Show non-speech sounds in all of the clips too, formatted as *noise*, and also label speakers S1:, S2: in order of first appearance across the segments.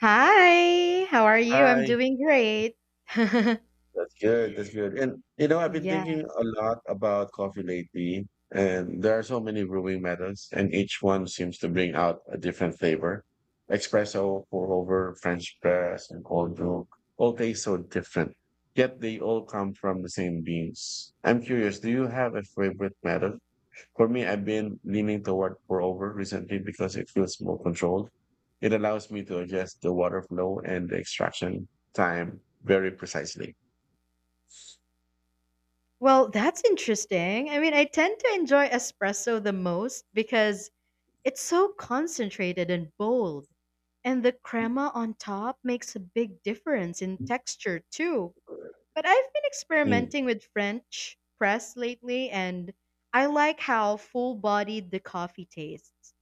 S1: Hi, how are you? I'm
S2: Hi.
S1: doing great.
S2: That's good. That's good. And I've been
S1: Yeah.
S2: thinking a lot about coffee lately, and there are so many brewing methods, and each one seems to bring out a different flavor. Espresso, pour over, French press, and cold brew all taste so different, yet they all come from the same beans. I'm curious, do you have a favorite method? For me, I've been leaning toward pour over recently because it feels more controlled. It allows me to adjust the water flow and the extraction time very precisely.
S1: Well, that's interesting. I mean, I tend to enjoy espresso the most because it's so concentrated and bold, and the crema on top makes a big difference in texture too. But I've been
S2: Mm.
S1: experimenting with French press lately, and I like how full-bodied the coffee tastes.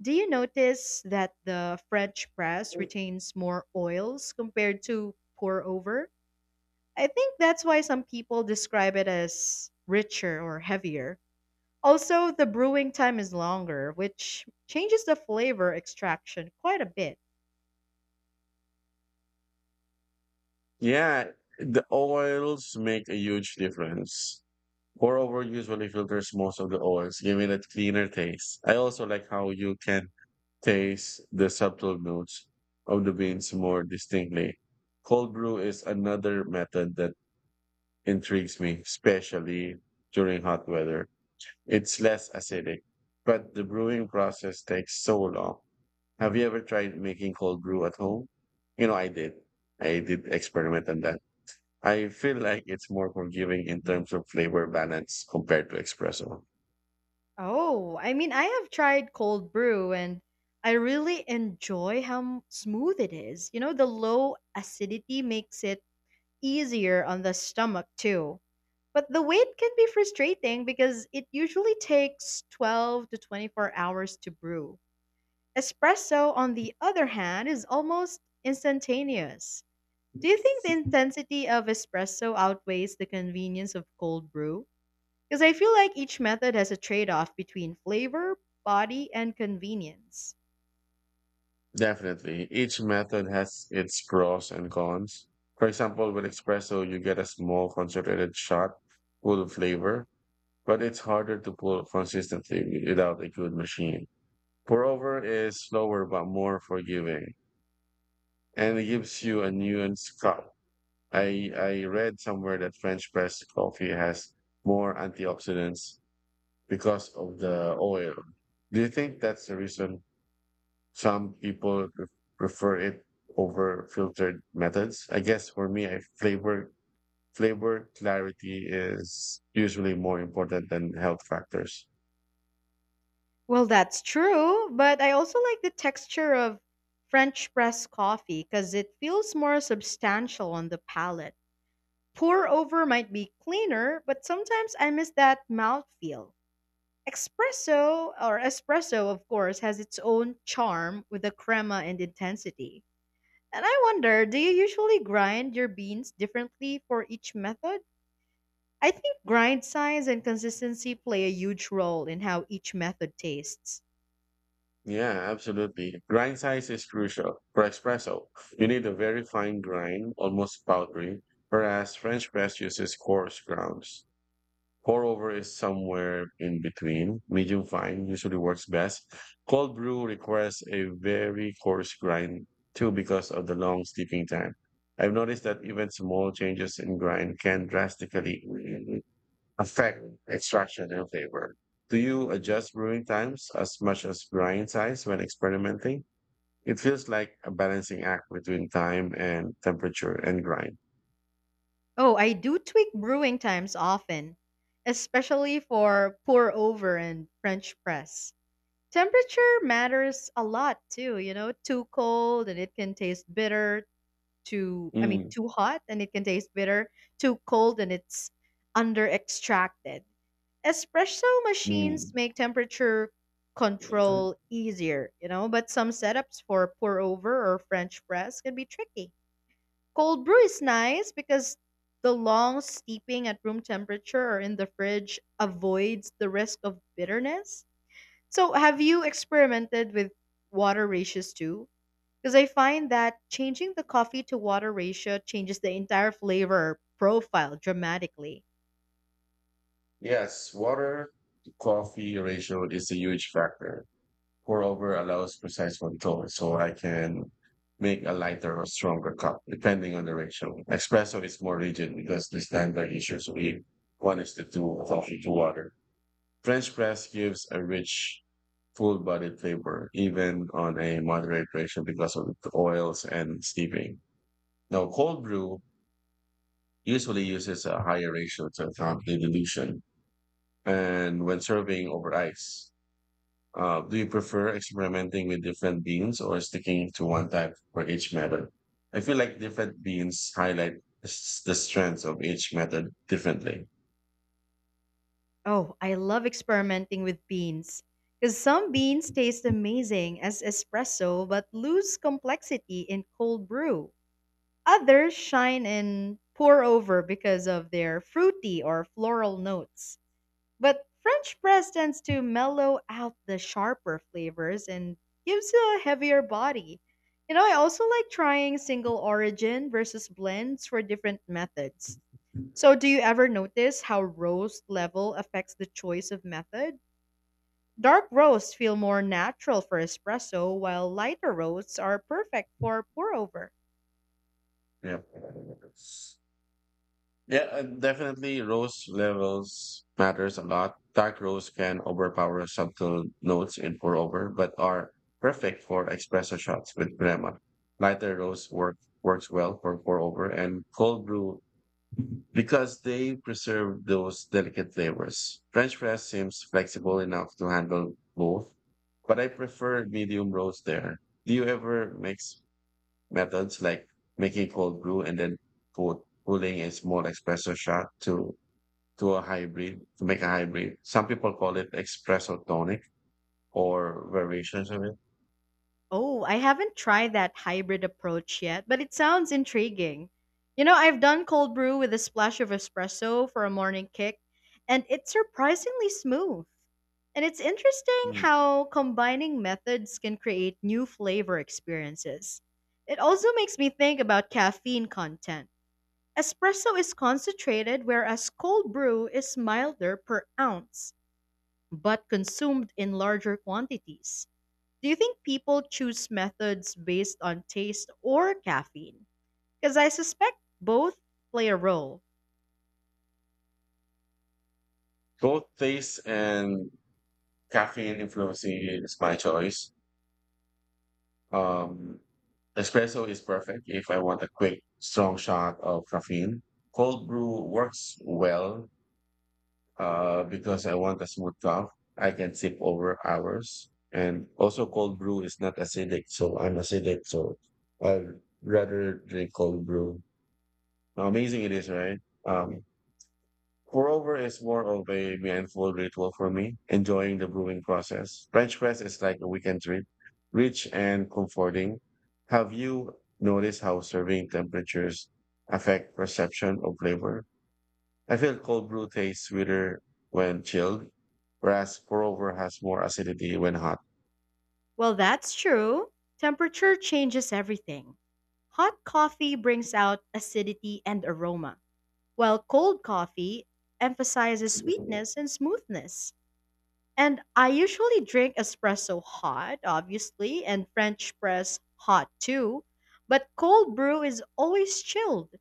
S1: Do you notice that the French press retains more oils compared to pour over? I think that's why some people describe it as richer or heavier. Also, the brewing time is longer, which changes the flavor extraction quite a bit.
S2: Yeah, the oils make a huge difference. Pour over usually filters most of the oils, giving it a cleaner taste. I also like how you can taste the subtle notes of the beans more distinctly. Cold brew is another method that intrigues me, especially during hot weather. It's less acidic, but the brewing process takes so long. Have you ever tried making cold brew at home? I did. I did experiment on that. I feel like it's more forgiving in terms of flavor balance compared to espresso.
S1: Oh, I mean, I have tried cold brew and I really enjoy how smooth it is. You know, the low acidity makes it easier on the stomach too. But the wait can be frustrating because it usually takes 12 to 24 hours to brew. Espresso, on the other hand, is almost instantaneous. Do you think the intensity of espresso outweighs the convenience of cold brew? Because I feel like each method has a trade off between flavor, body, and convenience.
S2: Definitely. Each method has its pros and cons. For example, with espresso, you get a small concentrated shot full of flavor, but it's harder to pull consistently without a good machine. Pour over is slower but more forgiving, and it gives you a nuanced cup. I read somewhere that French press coffee has more antioxidants because of the oil. Do you think that's the reason some people prefer it over filtered methods? I guess for me, I flavor flavor clarity is usually more important than health factors.
S1: Well, that's true, but I also like the texture of French press coffee because it feels more substantial on the palate. Pour over might be cleaner, but sometimes I miss that mouthfeel. Espresso, of course, has its own charm with the crema and intensity. And I wonder, do you usually grind your beans differently for each method? I think grind size and consistency play a huge role in how each method tastes.
S2: Yeah, absolutely. Grind size is crucial. For espresso, you need a very fine grind, almost powdery, whereas French press uses coarse grounds. Pour over is somewhere in between. Medium fine usually works best. Cold brew requires a very coarse grind too because of the long steeping time. I've noticed that even small changes in grind can drastically affect extraction and flavor. Do you adjust brewing times as much as grind size when experimenting? It feels like a balancing act between time and temperature and grind.
S1: Oh, I do tweak brewing times often, especially for pour over and French press. Temperature matters a lot too, you know, too cold and it can taste bitter too. I mean,
S2: Mm,
S1: too hot and it can taste bitter. Too cold and it's under extracted. Espresso machines
S2: mm.
S1: make temperature control easier, you know, but some setups for pour over or French press can be tricky. Cold brew is nice because the long steeping at room temperature or in the fridge avoids the risk of bitterness. So, have you experimented with water ratios too? Because I find that changing the coffee to water ratio changes the entire flavor profile dramatically.
S2: Yes, water to coffee ratio is a huge factor. Pour over allows precise control, so I can make a lighter or stronger cup depending on the ratio. Espresso is more rigid because the standard is usually one is to two coffee to water. French press gives a rich, full bodied flavor, even on a moderate ratio because of the oils and steeping. Now, cold brew usually uses a higher ratio to account for the dilution and when serving over ice. Do you prefer experimenting with different beans or sticking to one type for each method? I feel like different beans highlight the strengths of each method differently.
S1: Oh, I love experimenting with beans. Because some beans taste amazing as espresso but lose complexity in cold brew. Others shine in pour over because of their fruity or floral notes. But French press tends to mellow out the sharper flavors and gives you a heavier body. You know, I also like trying single origin versus blends for different methods. So, do you ever notice how roast level affects the choice of method? Dark roasts feel more natural for espresso, while lighter roasts are perfect for pour over.
S2: Yeah. Yeah, and definitely roast levels matters a lot. Dark roast can overpower subtle notes in pour over, but are perfect for espresso shots with crema. Lighter roast works well for pour over, and cold brew because they preserve those delicate flavors. French press seems flexible enough to handle both, but I prefer medium roast there. Do you ever mix methods like making cold brew and then put cooling a small espresso shot to a hybrid to make a hybrid? Some people call it espresso tonic or variations of it.
S1: Oh, I haven't tried that hybrid approach yet, but it sounds intriguing. You know, I've done cold brew with a splash of espresso for a morning kick, and it's surprisingly smooth. And it's interesting
S2: Mm.
S1: how combining methods can create new flavor experiences. It also makes me think about caffeine content. Espresso is concentrated, whereas cold brew is milder per ounce, but consumed in larger quantities. Do you think people choose methods based on taste or caffeine? Because I suspect both play a role.
S2: Both taste and caffeine influencing is my choice. Um, Espresso is perfect if I want a quick, strong shot of caffeine. Cold brew works well because I want a smooth cup. I can sip over hours. And also, cold brew is not acidic, so I'm acidic, so I'd rather drink cold brew. How amazing it is, right? Um, Moreover, it's more of a mindful ritual for me, enjoying the brewing process. French press is like a weekend trip, rich and comforting. Have you noticed how serving temperatures affect perception of flavor? I feel cold brew tastes sweeter when chilled, whereas pour-over has more acidity when hot.
S1: Well, that's true. Temperature changes everything. Hot coffee brings out acidity and aroma, while cold coffee emphasizes sweetness and smoothness. And I usually drink espresso hot, obviously, and French press hot too, but cold brew is always chilled.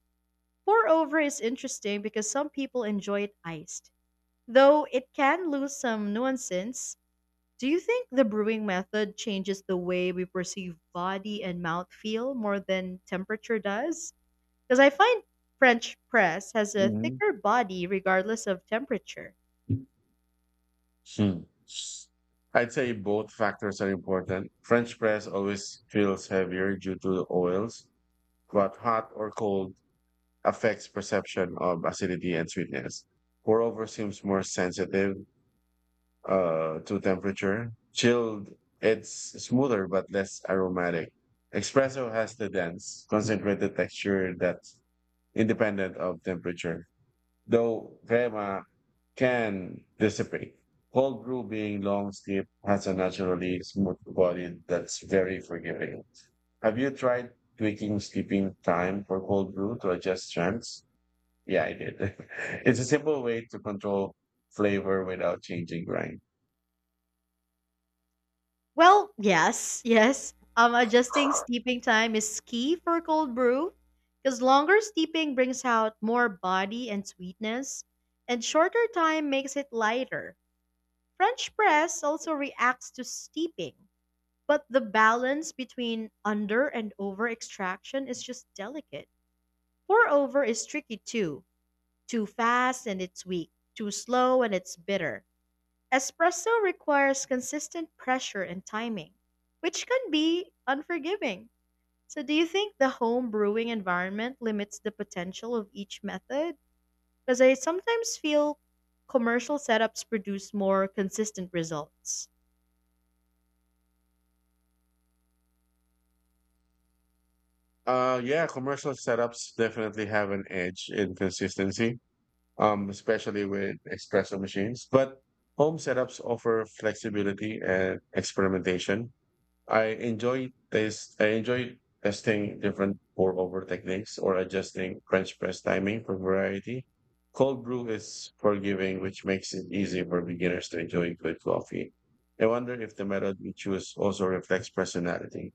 S1: Pour over is interesting because some people enjoy it iced, though it can lose some nuances. Do you think the brewing method changes the way we perceive body and mouthfeel more than temperature does? Because I find French press has a
S2: Mhm.
S1: thicker body regardless of temperature.
S2: Hmm. I'd say both factors are important. French press always feels heavier due to the oils, but hot or cold affects perception of acidity and sweetness. Pour over seems more sensitive to temperature. Chilled, it's smoother but less aromatic. Espresso has the dense, concentrated texture that's independent of temperature, though crema can dissipate. Cold brew being long steep has a naturally smooth body that's very forgiving. Have you tried tweaking steeping time for cold brew to adjust strengths? Yeah, I did. *laughs* It's a simple way to control flavor without changing grind.
S1: Well, yes, yes. Adjusting steeping time is key for cold brew because longer steeping brings out more body and sweetness, and shorter time makes it lighter. French press also reacts to steeping, but the balance between under and over extraction is just delicate. Pour over is tricky too. Too fast and it's weak, too slow and it's bitter. Espresso requires consistent pressure and timing, which can be unforgiving. So, do you think the home brewing environment limits the potential of each method? Because I sometimes feel commercial setups produce more consistent results.
S2: Yeah, commercial setups definitely have an edge in consistency, especially with espresso machines. But home setups offer flexibility and experimentation. I enjoy this. I enjoy testing different pour over techniques or adjusting French press timing for variety. Cold brew is forgiving, which makes it easy for beginners to enjoy good coffee. I wonder if the method we choose also reflects personality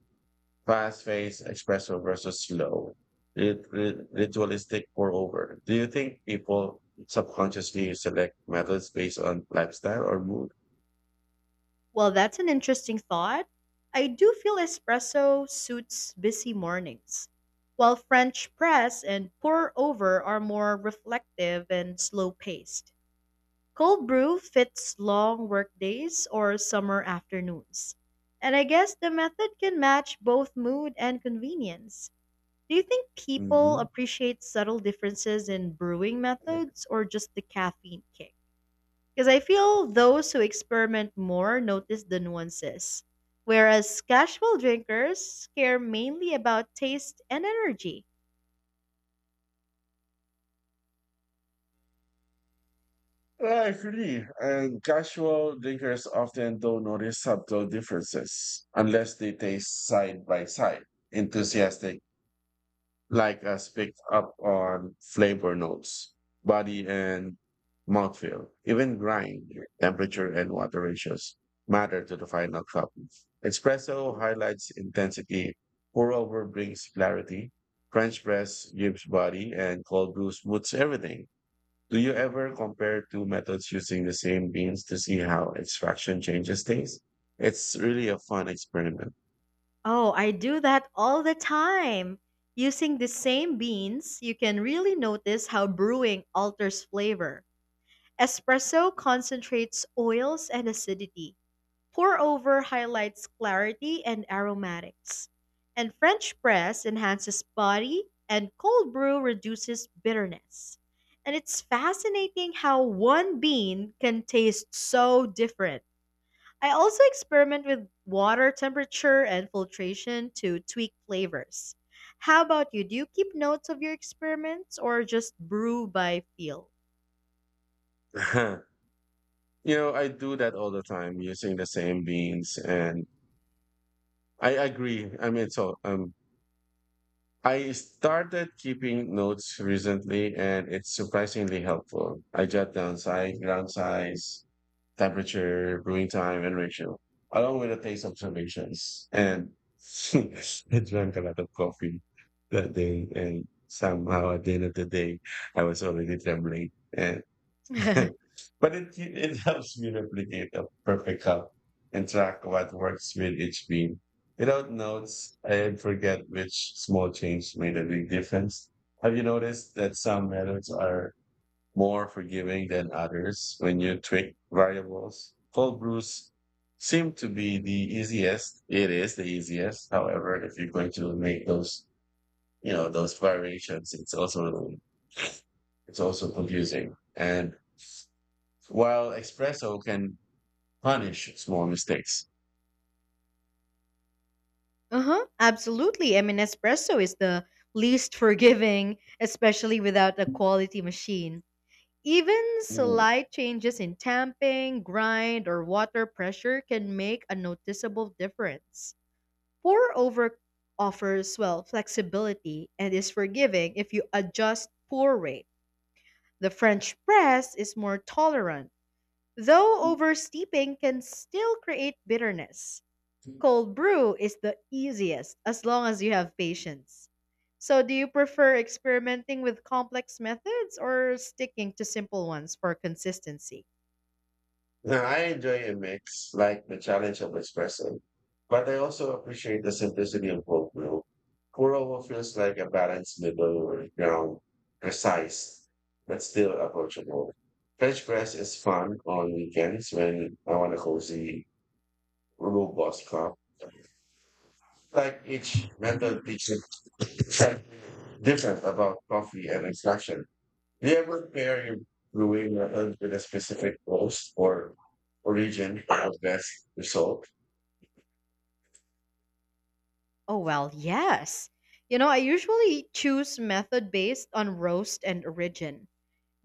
S2: fast-paced espresso versus slow, ritualistic pour-over. Do you think people subconsciously select methods based on lifestyle or mood?
S1: Well, that's an interesting thought. I do feel espresso suits busy mornings, while French press and pour over are more reflective and slow paced. Cold brew fits long workdays or summer afternoons. And I guess the method can match both mood and convenience. Do you think people
S2: Hmm.
S1: appreciate subtle differences in brewing methods or just the caffeine kick? Because I feel those who experiment more notice the nuances, whereas casual drinkers care mainly about taste and energy.
S2: I agree. And casual drinkers often don't notice subtle differences unless they taste side by side. Enthusiastic like us pick up on flavor notes, body and mouthfeel, even grind, temperature, and water ratios matter to the final cup. Espresso highlights intensity, pour over brings clarity, French press gives body, and cold brew smooths everything. Do you ever compare two methods using the same beans to see how extraction changes things? It's really a fun experiment.
S1: Oh, I do that all the time. Using the same beans, you can really notice how brewing alters flavor. Espresso concentrates oils and acidity, pour over highlights clarity and aromatics, and French press enhances body, and cold brew reduces bitterness. And it's fascinating how one bean can taste so different. I also experiment with water temperature and filtration to tweak flavors. How about you? Do you keep notes of your experiments or just brew by feel?
S2: *laughs* I do that all the time using the same beans, and I agree. I mean, so I started keeping notes recently, and it's surprisingly helpful. I jot down size, ground size, temperature, brewing time, and ratio, along with the taste observations. And *laughs* I drank a lot of coffee that day, and somehow at the end of the day, I was already trembling. And
S1: *laughs*
S2: *laughs* but it helps me replicate a perfect cup and track what works with each bean. Without notes, I forget which small change made a big difference. Have you noticed that some methods are more forgiving than others when you tweak variables? Cold brews seem to be the easiest. It is the easiest. However, if you're going to make those, those variations, it's also confusing. And while espresso can punish small mistakes.
S1: Uh-huh, absolutely. I mean, espresso is the least forgiving, especially without a quality machine. Even
S2: Mm.
S1: slight changes in tamping, grind, or water pressure can make a noticeable difference. Pour over offers, well, flexibility and is forgiving if you adjust pour rate. The French press is more tolerant, though oversteeping can still create bitterness. Cold brew is the easiest as long as you have patience. So, do you prefer experimenting with complex methods or sticking to simple ones for consistency?
S2: Now, I enjoy a mix, like the challenge of espresso, but I also appreciate the simplicity of whole brew. Pour over feels like a balanced middle ground, precise, but still approachable. French press is fun on weekends when I want a cozy, robust cup. Like each method teaches something different about coffee and extraction. Do you ever pair your brewing method with a specific host or origin for the best result?
S1: Oh, well, yes. You know, I usually choose method based on roast and origin.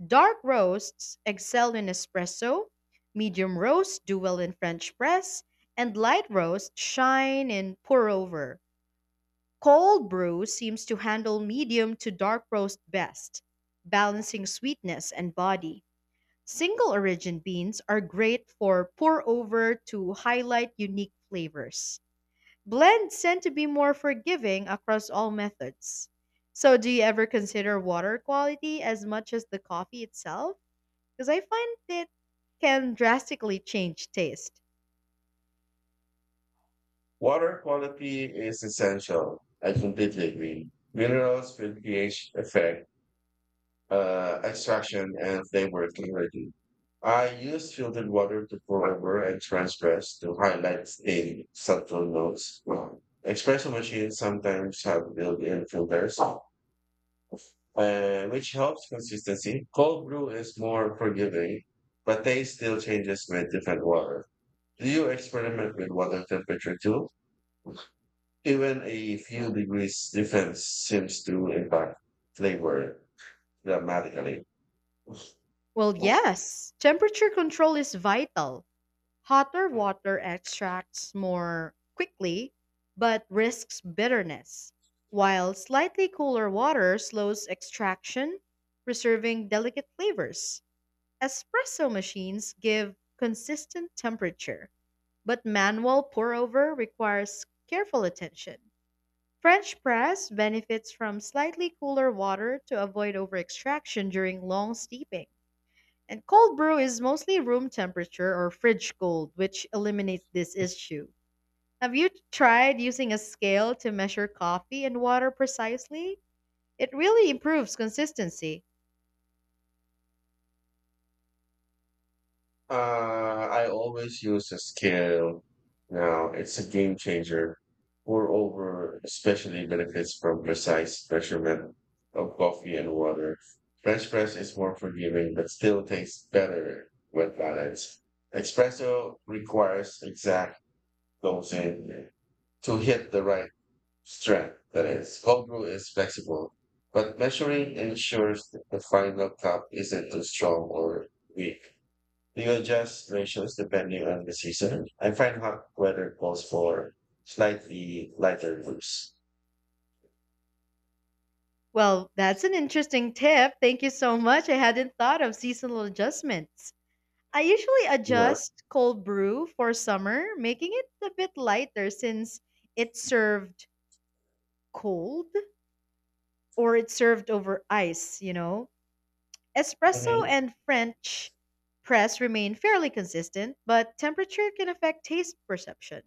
S1: Dark roasts excel in espresso, medium roasts do well in French press, and light roasts shine in pour over. Cold brew seems to handle medium to dark roast best, balancing sweetness and body. Single origin beans are great for pour over to highlight unique flavors. Blends tend to be more forgiving across all methods. So, do you ever consider water quality as much as the coffee itself? Because I find it can drastically change taste.
S2: Water quality is essential. I completely agree. Minerals with pH effect, extraction, and flavor clarity. I use filtered water to pour over and transpress to highlight in subtle notes. Espresso machines sometimes have built-in filters, which helps consistency. Cold brew is more forgiving, but taste still changes with different water. Do you experiment with water temperature too? Even a few degrees difference seems to impact flavor dramatically.
S1: Well, yes, temperature control is vital. Hotter water extracts more quickly but risks bitterness, while slightly cooler water slows extraction, preserving delicate flavors. Espresso machines give consistent temperature, but manual pour over requires careful attention. French press benefits from slightly cooler water to avoid over extraction during long steeping. And cold brew is mostly room temperature or fridge cold, which eliminates this issue. Have you tried using a scale to measure coffee and water precisely? It really improves consistency.
S2: I always use a scale now. It's a game changer. Moreover, especially benefits from precise measurement of coffee and water. French press is more forgiving, but still tastes better when balanced. Espresso requires exact dosing to hit the right strength. That is, cold brew is flexible, but measuring ensures that the final cup isn't too strong or weak. We adjust ratios depending on the season. I find hot weather calls for slightly lighter groups.
S1: Well, that's an interesting tip. Thank you so much. I hadn't thought of seasonal adjustments. I usually
S2: Mhm.
S1: adjust cold brew for summer, making it a bit lighter since it's served cold or it's served over ice, you know? Espresso and French press remain fairly consistent, but temperature can affect taste perception.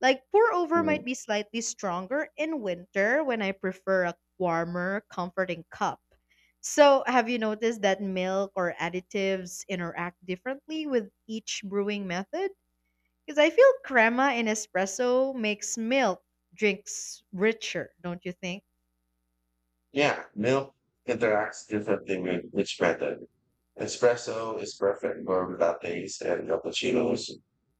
S1: Like pour over might
S2: Mhm.
S1: be slightly stronger in winter when I prefer a warmer, comforting cup. So, have you noticed that milk or additives interact differently with each brewing method? Because I feel crema in espresso makes milk drinks richer, don't you think?
S2: Yeah, milk interacts differently with each method. Espresso is perfect for lattes and cappuccinos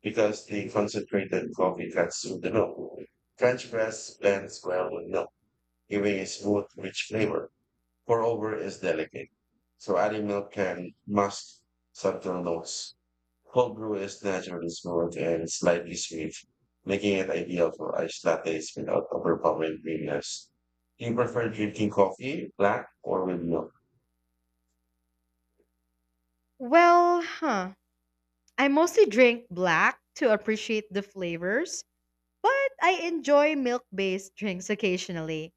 S2: because the concentrated coffee cuts through the milk. French press blends well with milk, giving a smooth, rich flavor. Moreover, it's delicate, so adding milk can mask subtle notes. Cold brew is naturally smooth and slightly sweet, making it ideal for iced lattes without overpowering creaminess. Do you prefer drinking coffee, black, or with milk?
S1: Well, huh. I mostly drink black to appreciate the flavors, but I enjoy milk based drinks occasionally.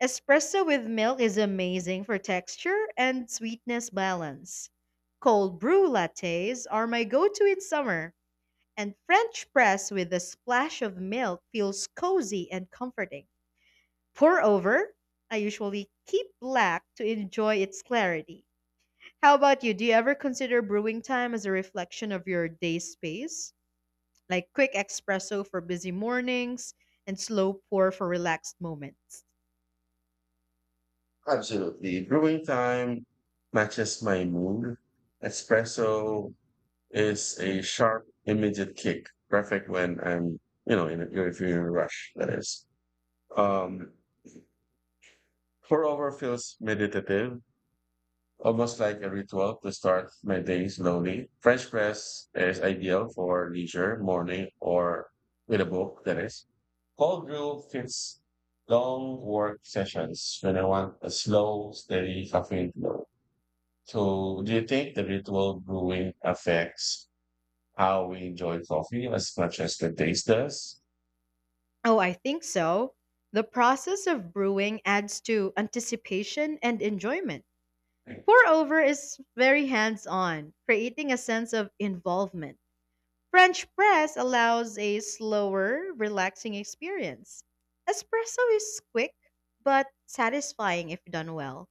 S1: Espresso with milk is amazing for texture and sweetness balance. Cold brew lattes are my go to in summer, and French press with a splash of milk feels cozy and comforting. Pour over, I usually keep black to enjoy its clarity. How about you? Do you ever consider brewing time as a reflection of your day space? Like quick espresso for busy mornings and slow pour for relaxed moments.
S2: Absolutely. Brewing time matches my mood. Espresso is a sharp, immediate kick, perfect when I'm, in a, if you're in a rush, that is. Um, Pour over feels meditative, almost like a ritual to start my day slowly. French press is ideal for leisure, morning, or with a book, that is. Cold brew fits long work sessions when I want a slow, steady caffeine flow. So, do you think the ritual brewing affects how we enjoy coffee as much as the taste does?
S1: Oh, I think so. The process of brewing adds to anticipation and enjoyment. Pour over is very hands on, creating a sense of involvement. French press allows a slower, relaxing experience. Espresso is quick but satisfying if done well.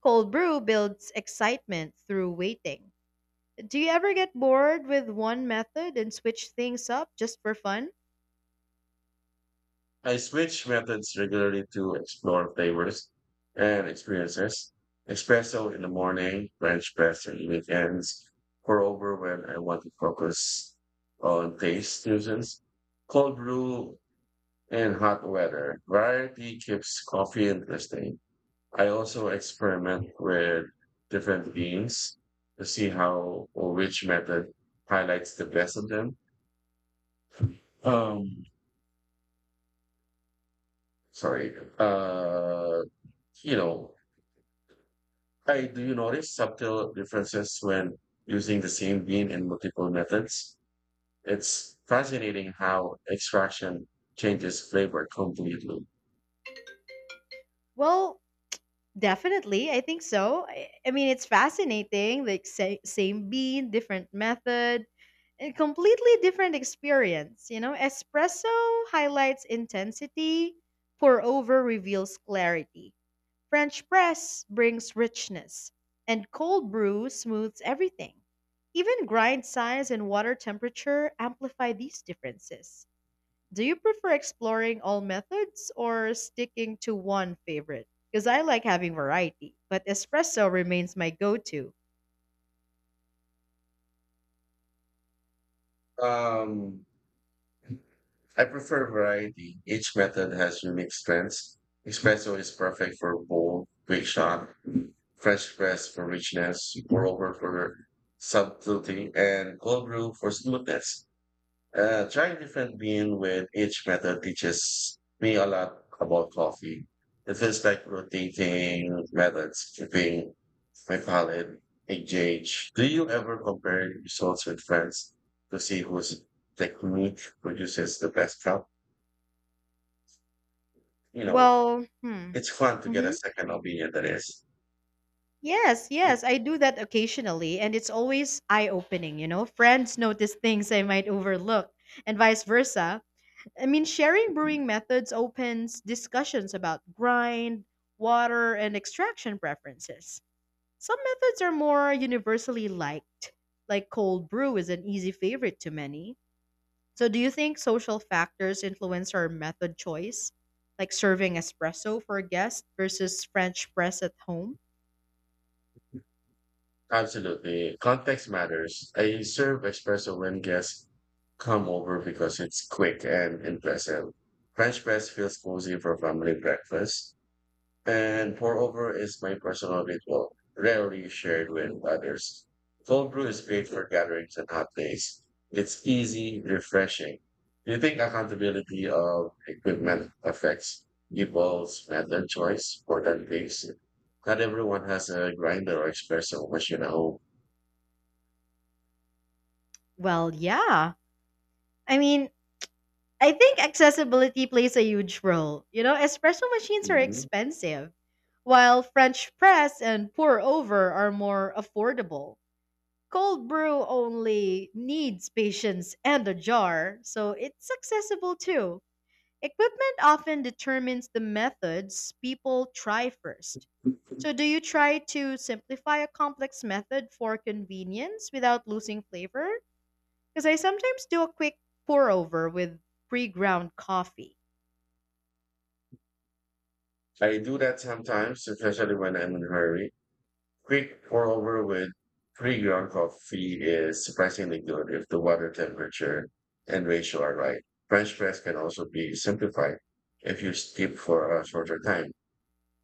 S1: Cold brew builds excitement through waiting. Do you ever get bored with one method and switch things up just for fun?
S2: I switch methods regularly to explore flavors and experiences. Espresso in the morning, French press on weekends, pour over when I want to focus on taste fusions, cold brew in hot weather. Variety keeps coffee interesting. I also experiment with different beans to see how or which method highlights the best of them. Um, Sorry. Uh, you know, Hi, do you notice subtle differences when using the same bean in multiple methods? It's fascinating how extraction changes flavor completely.
S1: Well, definitely. I think so. I mean, it's fascinating. Like, say, same bean, different method, and completely different experience. You know, espresso highlights intensity, pour over reveals clarity, French press brings richness, and cold brew smooths everything. Even grind size and water temperature amplify these differences. Do you prefer exploring all methods or sticking to one favorite? Because I like having variety, but espresso remains my go to.
S2: Um, I prefer variety. Each method has unique strengths. Espresso is perfect for bold, quick shot, fresh press for richness, pour over for subtlety, and cold brew for smoothness. Trying different bean with each method teaches me a lot about coffee. It feels like rotating methods, keeping my palate engaged. Do you ever compare results with friends to see whose technique produces the best cup? You know,
S1: Well, hmm.
S2: it's fun to get a
S1: hmm
S2: second opinion, that is.
S1: Yes, yes, I do that occasionally, and it's always eye opening, you know? Friends notice things I might overlook, and vice versa. I mean, sharing brewing methods opens discussions about grind, water, and extraction preferences. Some methods are more universally liked, like cold brew is an easy favorite to many. So, do you think social factors influence our method choice, like serving espresso for a guest versus French press at home?
S2: Absolutely. Context matters. I serve espresso when guests come over because it's quick and impressive. French press feels cozy for family breakfast. And pour over is my personal ritual, rarely shared with others. Cold brew is great for gatherings and hot days. It's easy, refreshing. Do you think accountability of equipment affects people's method choice for that case? Not everyone has a grinder or espresso machine at home.
S1: Well, yeah. I mean, I think accessibility plays a huge role. You know, espresso machines are
S2: Mhm.
S1: expensive, while French press and pour over are more affordable. Cold brew only needs patience and a jar, so it's accessible too. Equipment often determines the methods people try first. So, do you try to simplify a complex method for convenience without losing flavor? Because I sometimes do a quick pour over with pre ground coffee.
S2: I do that sometimes, especially when I'm in a hurry. Quick pour over with pre ground coffee is surprisingly good if the water temperature and ratio are right. French press can also be simplified if you steep for a shorter time,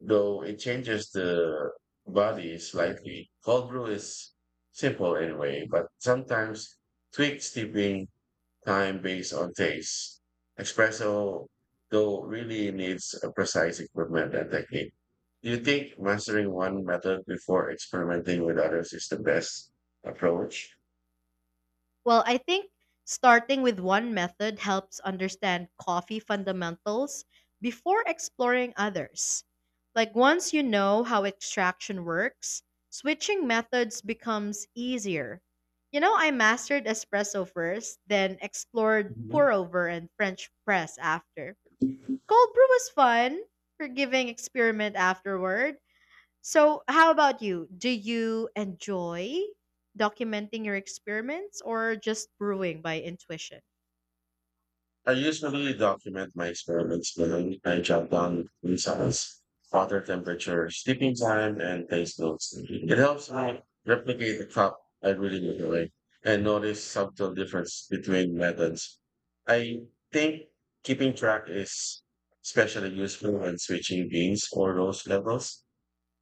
S2: though it changes the body slightly. Cold brew is simple anyway, but sometimes tweak steeping time based on taste. Espresso, though, really needs a precise equipment and technique. Do you think mastering one method before experimenting with others is the best approach?
S1: Well, I think starting with one method helps understand coffee fundamentals before exploring others. Like, once you know how extraction works, switching methods becomes easier. You know, I mastered espresso first, then explored pour
S2: Mhm.
S1: over and French press after. Cold brew was fun, forgiving experiment afterward, so, how about you? Do you enjoy documenting your experiments or just brewing by intuition?
S2: I usually document my experiments behind. I jot down results, water temperature, sleeping time, and taste notes. It helps me replicate the cup I really enjoy and notice subtle difference between methods. I think keeping track is especially useful when switching beans or rose levels.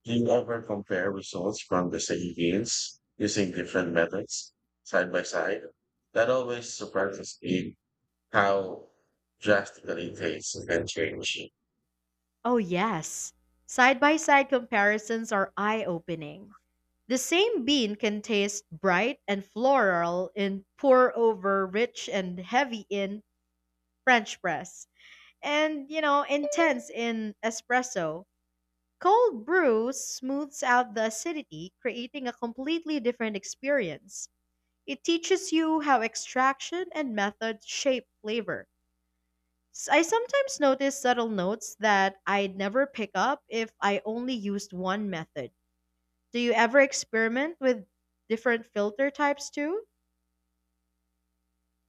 S2: Do you ever compare results from the same beans using different methods side by side? That always surprises me how drastically tastes can change.
S1: Oh, yes. Side by side comparisons are eye opening. The same bean can taste bright and floral in pour over, rich and heavy in French press, and, you know, intense in espresso. Cold brew smooths out the acidity, creating a completely different experience. It teaches you how extraction and method shape flavor. I sometimes notice subtle notes that I'd never pick up if I only used one method. Do you ever experiment with different filter types too?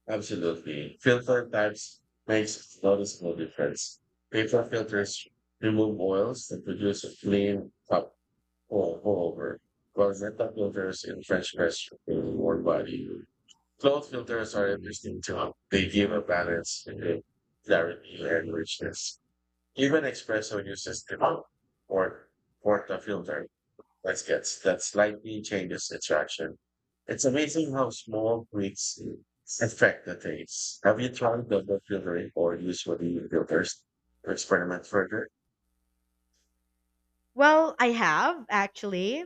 S2: Absolutely. Filter types makes a noticeable difference. Paper filters remove oils and produce a clean top all over, while Zeta filters in French press remove more body. Cloth filters are interesting too. They give a balance in the clarity and richness. Even espresso uses the or portafilter gaskets that slightly changes the traction. It's amazing how small tweaks affect the taste. Have you tried double filtering or usually filters to experiment further?
S1: Well, I have actually.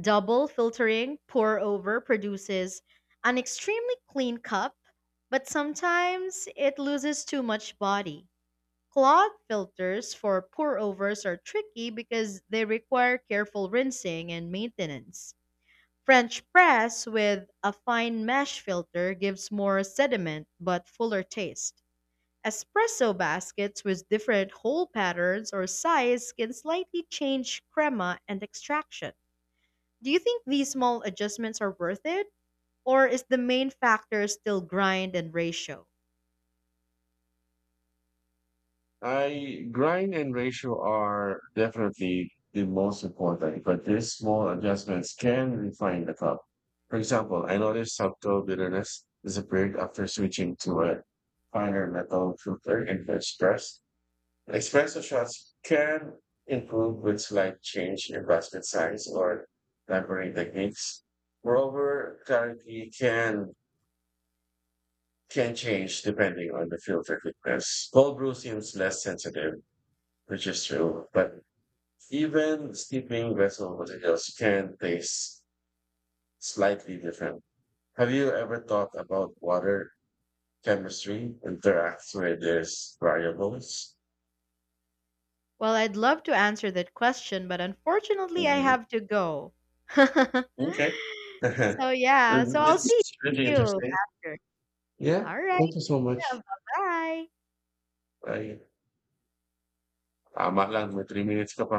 S1: Double filtering, pour over produces an extremely clean cup, but sometimes it loses too much body. Cloth filters for pour-overs are tricky because they require careful rinsing and maintenance. French press with a fine mesh filter gives more sediment but fuller taste. Espresso baskets with different hole patterns or size can slightly change crema and extraction. Do you think these small adjustments are worth it? Or is the main factor still grind and ratio?
S2: I grind and ratio are definitely the most important, but these small adjustments can refine the cup. For example, I noticed subtle bitterness disappeared after switching to a finer metal filter in the express. Espresso shots can improve with slight change in basket size or laboring techniques. Moreover, clarity can change depending on the filter thickness. Cold brew seems less sensitive, which is true, but even steeping vessel materials can taste slightly different. Have you ever thought about water chemistry interacts with these variables?
S1: Well, I'd love to answer that question, but unfortunately, I
S2: Mhm.
S1: have to go. *laughs*
S2: Okay. *laughs*
S1: So, yeah, so I'll
S2: That's
S1: see
S2: really
S1: you
S2: interesting.
S1: after.
S2: Yeah.
S1: All right,
S2: Thank you so
S1: bye
S2: much.
S1: bye.
S2: I tama lang, may 3 minutes ka pa.